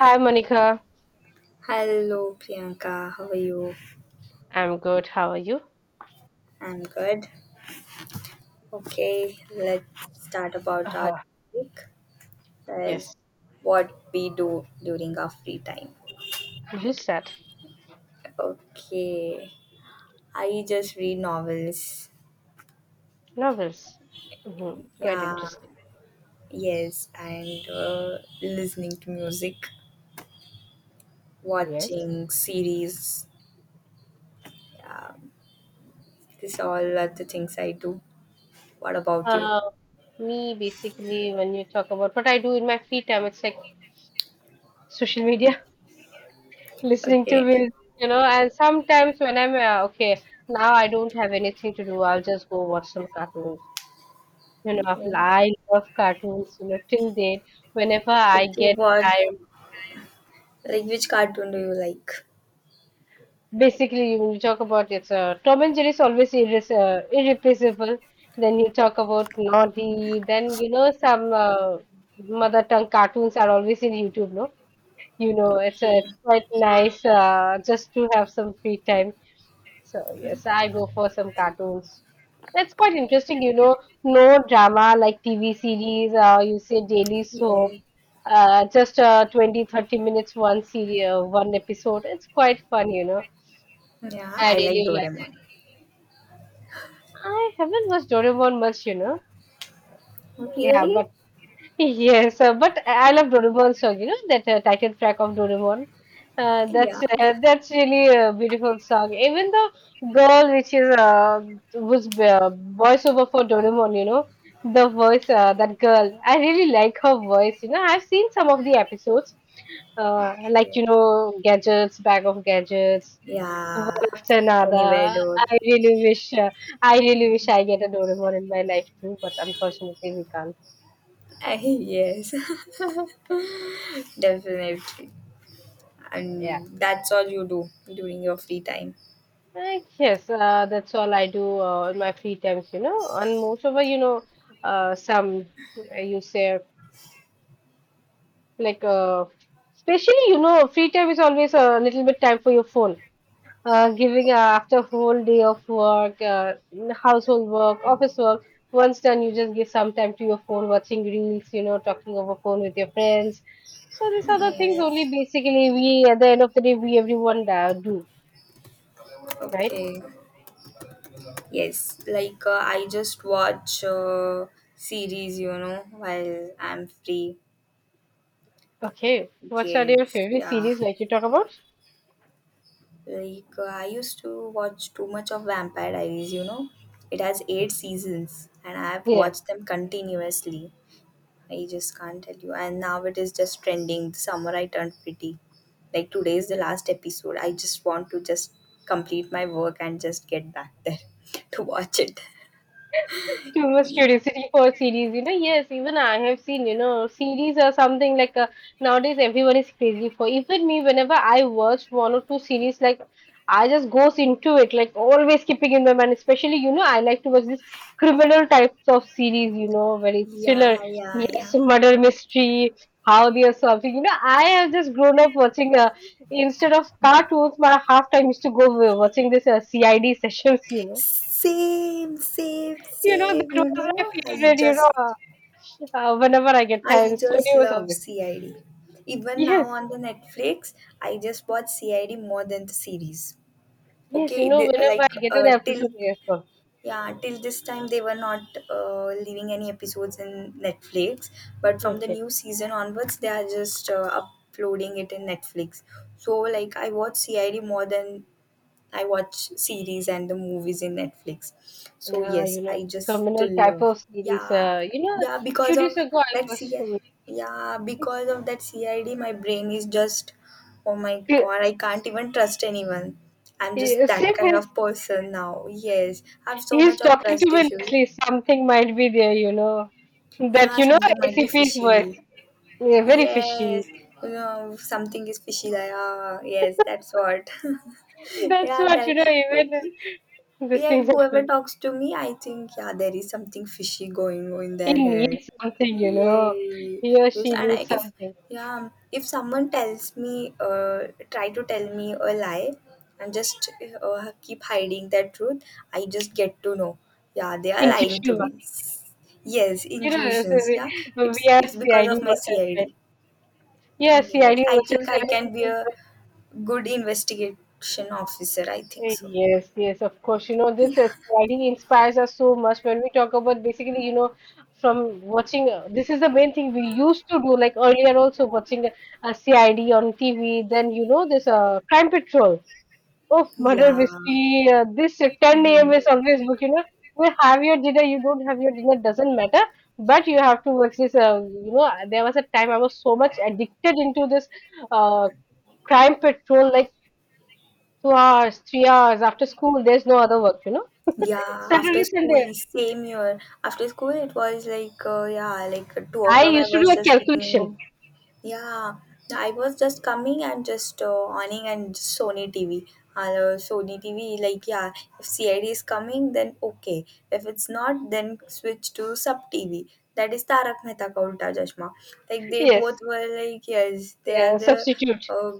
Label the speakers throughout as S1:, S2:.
S1: Hi, Monica.
S2: Hello, Priyanka. How are you?
S1: I'm good. How are you?
S2: I'm good. Okay, let's start about our
S1: Uh,
S2: topic. That is
S1: yes.
S2: what we do during our free time.
S1: You said
S2: Okay, I just read novels.
S1: Novels. Quite
S2: Yeah,
S1: interesting.
S2: yes, and listening to music,
S1: Yes.
S2: watching series. Yeah, this all are the things I do. What about you?
S1: Uh, Me, basically, when you talk about what I do in my free time, it's like social media, listening to
S2: Okay.
S1: music, and sometimes when I'm okay, now I don't have anything to do, I'll just go watch some cartoons. You know, I love cartoons, till date, whenever I
S2: Okay,
S1: get
S2: what
S1: time.
S2: like which cartoon do you like?
S1: Basically, when you talk about it's Tom and Jerry is always irreplaceable. Then you talk about naughty. Then you know some mother tongue cartoons are always in YouTube. No, you know
S2: Okay.
S1: it's quite nice, just to have some free time. So yes, I go for some cartoons. That's quite interesting. You know, no drama like TV series. You say daily soap.
S2: Yeah.
S1: Just 20-30 minutes one series, one episode. It's quite fun.
S2: Yeah,
S1: I
S2: I like
S1: really like.
S2: Doraemon.
S1: I haven't watched Doraemon much, you know. Yeah,
S2: Really?
S1: but yes, but I love Doraemon song. You know that title track of Doraemon.
S2: Yeah.
S1: That's really a beautiful song. Even the girl which is was voiceover for Doraemon, you know, the voice, that girl. I really like her voice. You know, I've seen some of the episodes, like you
S2: Okay.
S1: know, gadgets, bag of gadgets,
S2: Yeah. Anywhere
S1: Senada.
S2: door.
S1: I really wish I really wish I get a Doraemon in my life too, but unfortunately we can't.
S2: Eh, yes. Definitely.
S1: Yeah.
S2: And that's all you do during your free time.
S1: That's all I do in my free times, you know. And most of it, you know, some you say like especially you know, free time is always a little bit time for your phone. Giving after a whole day of work, household work, office work. Once done, you just give some time to your phone, watching reels, you know, talking over phone with your friends. So these are the things only
S2: Yes.
S1: basically we at the end of the day we everyone do, right?
S2: Okay. Yes. Like I just watch series, you know, while I'm free.
S1: Okay, what's your
S2: Yes.
S1: favorite
S2: Yeah.
S1: series like you talk about?
S2: Like I used to watch too much of Vampire Diaries, you know. It has
S1: Yes.
S2: eight seasons and I've
S1: Yeah.
S2: watched them continuously. I just can't tell you. And now it is just trending. The summer I turned pretty. Like today is the last episode. I just want to just complete my work and just get back there to watch it.
S1: Too much curiosity for series, you know. Yes, even I have seen, you know, series or something like nowadays everyone is crazy for. Even me, whenever I watch one or two series, like I just goes into it, like always keeping in my mind. Especially, you know, I like to watch this criminal types of series, you know, very thriller,
S2: Yeah, yeah,
S1: yes,
S2: yeah.
S1: murder mystery, how they are solving. You know, I have just grown up watching. Instead of cartoons, my half time used to go watching this CID sessions, you know
S2: Same, same,
S1: you know
S2: same.
S1: that was my favorite, whenever I get
S2: I
S1: time,
S2: just
S1: studio is
S2: love
S1: always.
S2: CID. Even now
S1: Yes,
S2: on the Netflix, I just watch CID more than the series.
S1: yes, you
S2: Okay,
S1: know,
S2: they,
S1: whenever
S2: like
S1: I get an
S2: till
S1: episode, yes, go.
S2: yeah, till this time they were not leaving any episodes in Netflix, but from the
S1: Okay.
S2: new season onwards, they are just uploading it in Netflix. So like I watch CID more than I watch series and the movies in Netflix. So
S1: Yeah, you
S2: yes, I
S1: know, this
S2: just
S1: communal
S2: still
S1: type
S2: love.
S1: of series.
S2: Yeah, yeah, because
S1: Few
S2: of
S1: days ago, I
S2: that
S1: was.
S2: CI yeah, because of that CID my brain is just, oh my
S1: Uh,
S2: god, I can't even trust anyone. I'm just that
S1: Sim
S2: kind
S1: is,
S2: of person now. Yes, I have so much
S1: he's
S2: of
S1: talking to
S2: trust
S1: me
S2: issues.
S1: nicely. Something might be there, you know. That,
S2: Yeah,
S1: you know,
S2: something might be
S1: ACP's voice.
S2: fishy.
S1: Yeah, very fishy.
S2: Yes, you know, something is fishy. Like, ah, yes, that's what.
S1: That's
S2: Yeah,
S1: what, you
S2: that
S1: know,
S2: like
S1: even these
S2: yeah,
S1: things
S2: whoever
S1: happen.
S2: talks to me, I think yeah, there is something fishy going on in
S1: He
S2: their head.
S1: needs something, you know.
S2: Yay!
S1: He or
S2: Yes,
S1: she
S2: and I,
S1: needs
S2: if
S1: something.
S2: yeah, if someone tells me, try to tell me a lie, and just keep hiding that truth, I just get to know. Yeah, they are lying to
S1: Intuition.
S2: me. Yes,
S1: So
S2: intuitions.
S1: we,
S2: Yeah, it's
S1: we are
S2: it's because
S1: CID
S2: of my
S1: watchers, right?
S2: CID.
S1: Yeah,
S2: Yes,
S1: CID
S2: I
S1: watchers,
S2: think I can be
S1: right?
S2: a good investigation officer. I think so.
S1: Yes, yes, of course. You know, this is CID inspires us so much when we talk about basically, you know, from watching. This is the main thing we used to do, like earlier also watching a CID on TV. Then you know, this crime patrol. Oh, murder
S2: Yeah.
S1: mystery. This 10 a.m.
S2: Mhm.
S1: is always book, you know. You have your dinner, you don't have your dinner, doesn't matter. But you have to watch this. You know, there was a time I was so much addicted into this uh, crime patrol, like 2 hours, 3 hours after school. There's no other work, you know.
S2: Yeah,
S1: Saturday,
S2: after school,
S1: Sunday,
S2: same year. After school, it was like, yeah, like two
S1: I
S2: o'clock. I
S1: used to do
S2: was
S1: a
S2: just returning
S1: calculation.
S2: home. Yeah, I was just coming and just awning and just Sony TV. Sony TV, like, yeah, if CID is coming, then okay. If it's not, then switch to sub TV. That is Tarak Mehta Ka Ulta Chashma. Like, they both
S1: Yes,
S2: were like, yes,
S1: substitute.
S2: uh,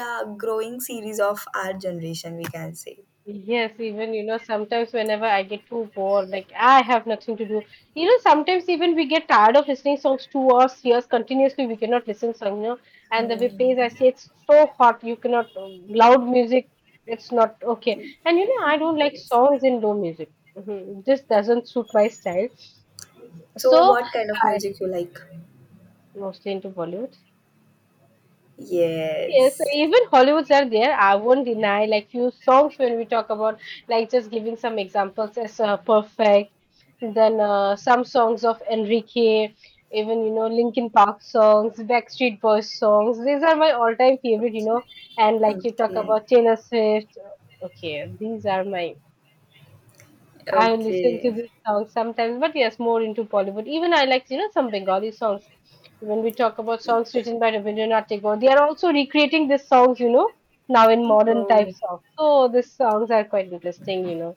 S2: yeah, growing series of our generation, we can say.
S1: Yes, even you know, sometimes whenever I get too bored, like I have nothing to do. You know, sometimes even we get tired of listening songs 2 or 3 years continuously. We cannot listen song, you know, and the way plays I
S2: Hmm.
S1: say it's so hot. You cannot loud music. It's not okay. And you know, I don't like songs in low music. Mhm, This doesn't suit my style.
S2: So,
S1: So
S2: what kind of music you like?
S1: mostly into Bollywood. Yes, so
S2: Yes.
S1: even Hollywoods are there. I won't deny like few songs when we talk about like just giving some examples as perfect. Then some songs of Enrique, even you know Linkin Park songs, Backstreet Boys songs. These are my all-time favorite, you know. And like you talk
S2: Okay.
S1: about Taylor Swift. Okay, these are my I listen to
S2: Okay.
S1: these songs sometimes, but yes, more into Bollywood. Even I like, you know, some Bengali songs. When we talk about songs written by Rabindranath Tagore, they are also recreating these songs, you know, now in modern
S2: Oh.
S1: type songs. So these songs are quite interesting, you know.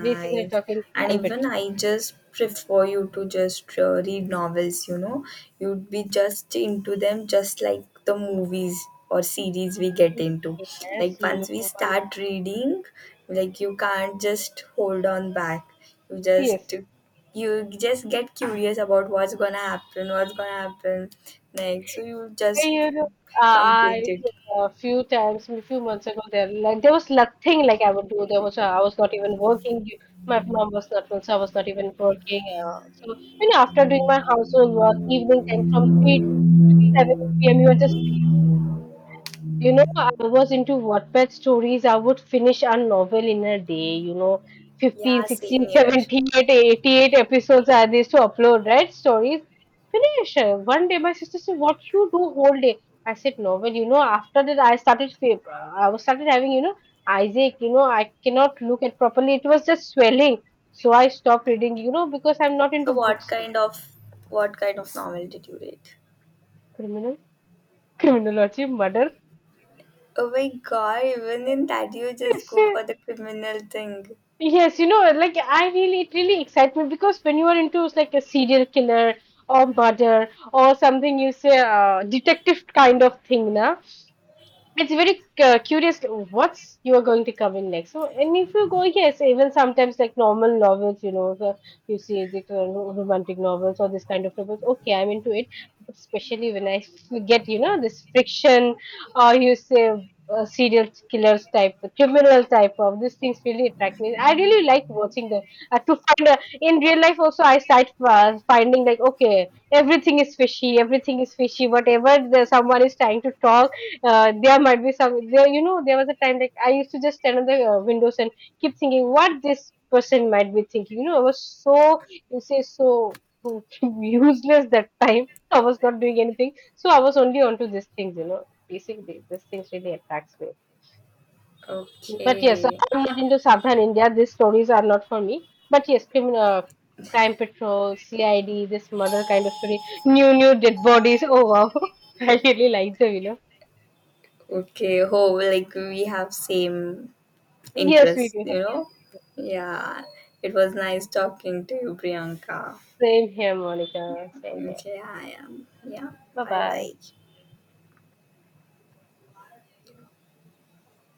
S1: Basically talking
S2: And
S1: time
S2: even
S1: petrol.
S2: I just prefer you to just read novels, you know. You'd be just into them, just like the movies or series we get into. Like,
S1: Yes, you
S2: once we
S1: know. one-
S2: start reading, like, you can't just hold on back. You just
S1: Yes.
S2: you just get curious about what's gonna happen next. So you
S1: Hey,
S2: just
S1: you know, uh,
S2: complete
S1: I
S2: it.
S1: A few times, a few months ago, there like there was nothing like I would do. There was I was not even working. My mom was not well, so I was not even working. So you know, after doing my household work, evening time from 3 to 7 p.m., you are just you know, I was into Wattpad stories. I would finish a novel in a day, you know, 15,
S2: Yeah, same
S1: 16,
S2: here.
S1: 17, 88 episodes are these to upload, right? Stories. Finish. One day my sister said, what you do whole day? I said, novel, you know. After that I I was started having, you know, Isaac, you know, I cannot look at properly. It was just swelling. So I stopped reading, you know, because I'm not
S2: So
S1: into
S2: what
S1: books.
S2: kind of, what kind of novel did you read?
S1: Criminal, criminology, murder.
S2: Oh my god, even in that you just
S1: Yes,
S2: go
S1: sir.
S2: for the criminal thing.
S1: Yes, you know, like I really, it really excites me because when you are into like a serial killer or murder or something, you say detective kind of thing, na, it's very curious what's you are going to cover next. So, and if you go, yes, even sometimes like normal novels, you know, the, you see the romantic novels or this kind of novels. Okay, I'm into it, especially when I get, you know, this fiction or you say serial killers type, the criminal type of these things really attract me. I really like watching them. To find In real life also, I start finding like okay, everything is fishy, everything is fishy. Whatever someone is trying to talk, there might be some there, you know. There was a time like I used to just stand on the windows and keep thinking what this person might be thinking. You know, I was so, you say, so useless. That time I was not doing anything, so I was only onto these things, you know. Basically these things really attracts me. But yes,
S2: Okay.
S1: I'm not into southern India, these stories are not for me. But yes, criminal, crime patrol, CID, this murder kind of story, new new dead bodies, oh wow, I really like them, you know.
S2: Okay. Oh, like we have same
S1: Yes, we
S2: interest,
S1: do.
S2: you know? Yeah. It was nice talking to you, Priyanka.
S1: Same here, Monica. Same here.
S2: Okay, I am. Yeah.
S1: Bye
S2: Bye
S1: bye.
S2: bye.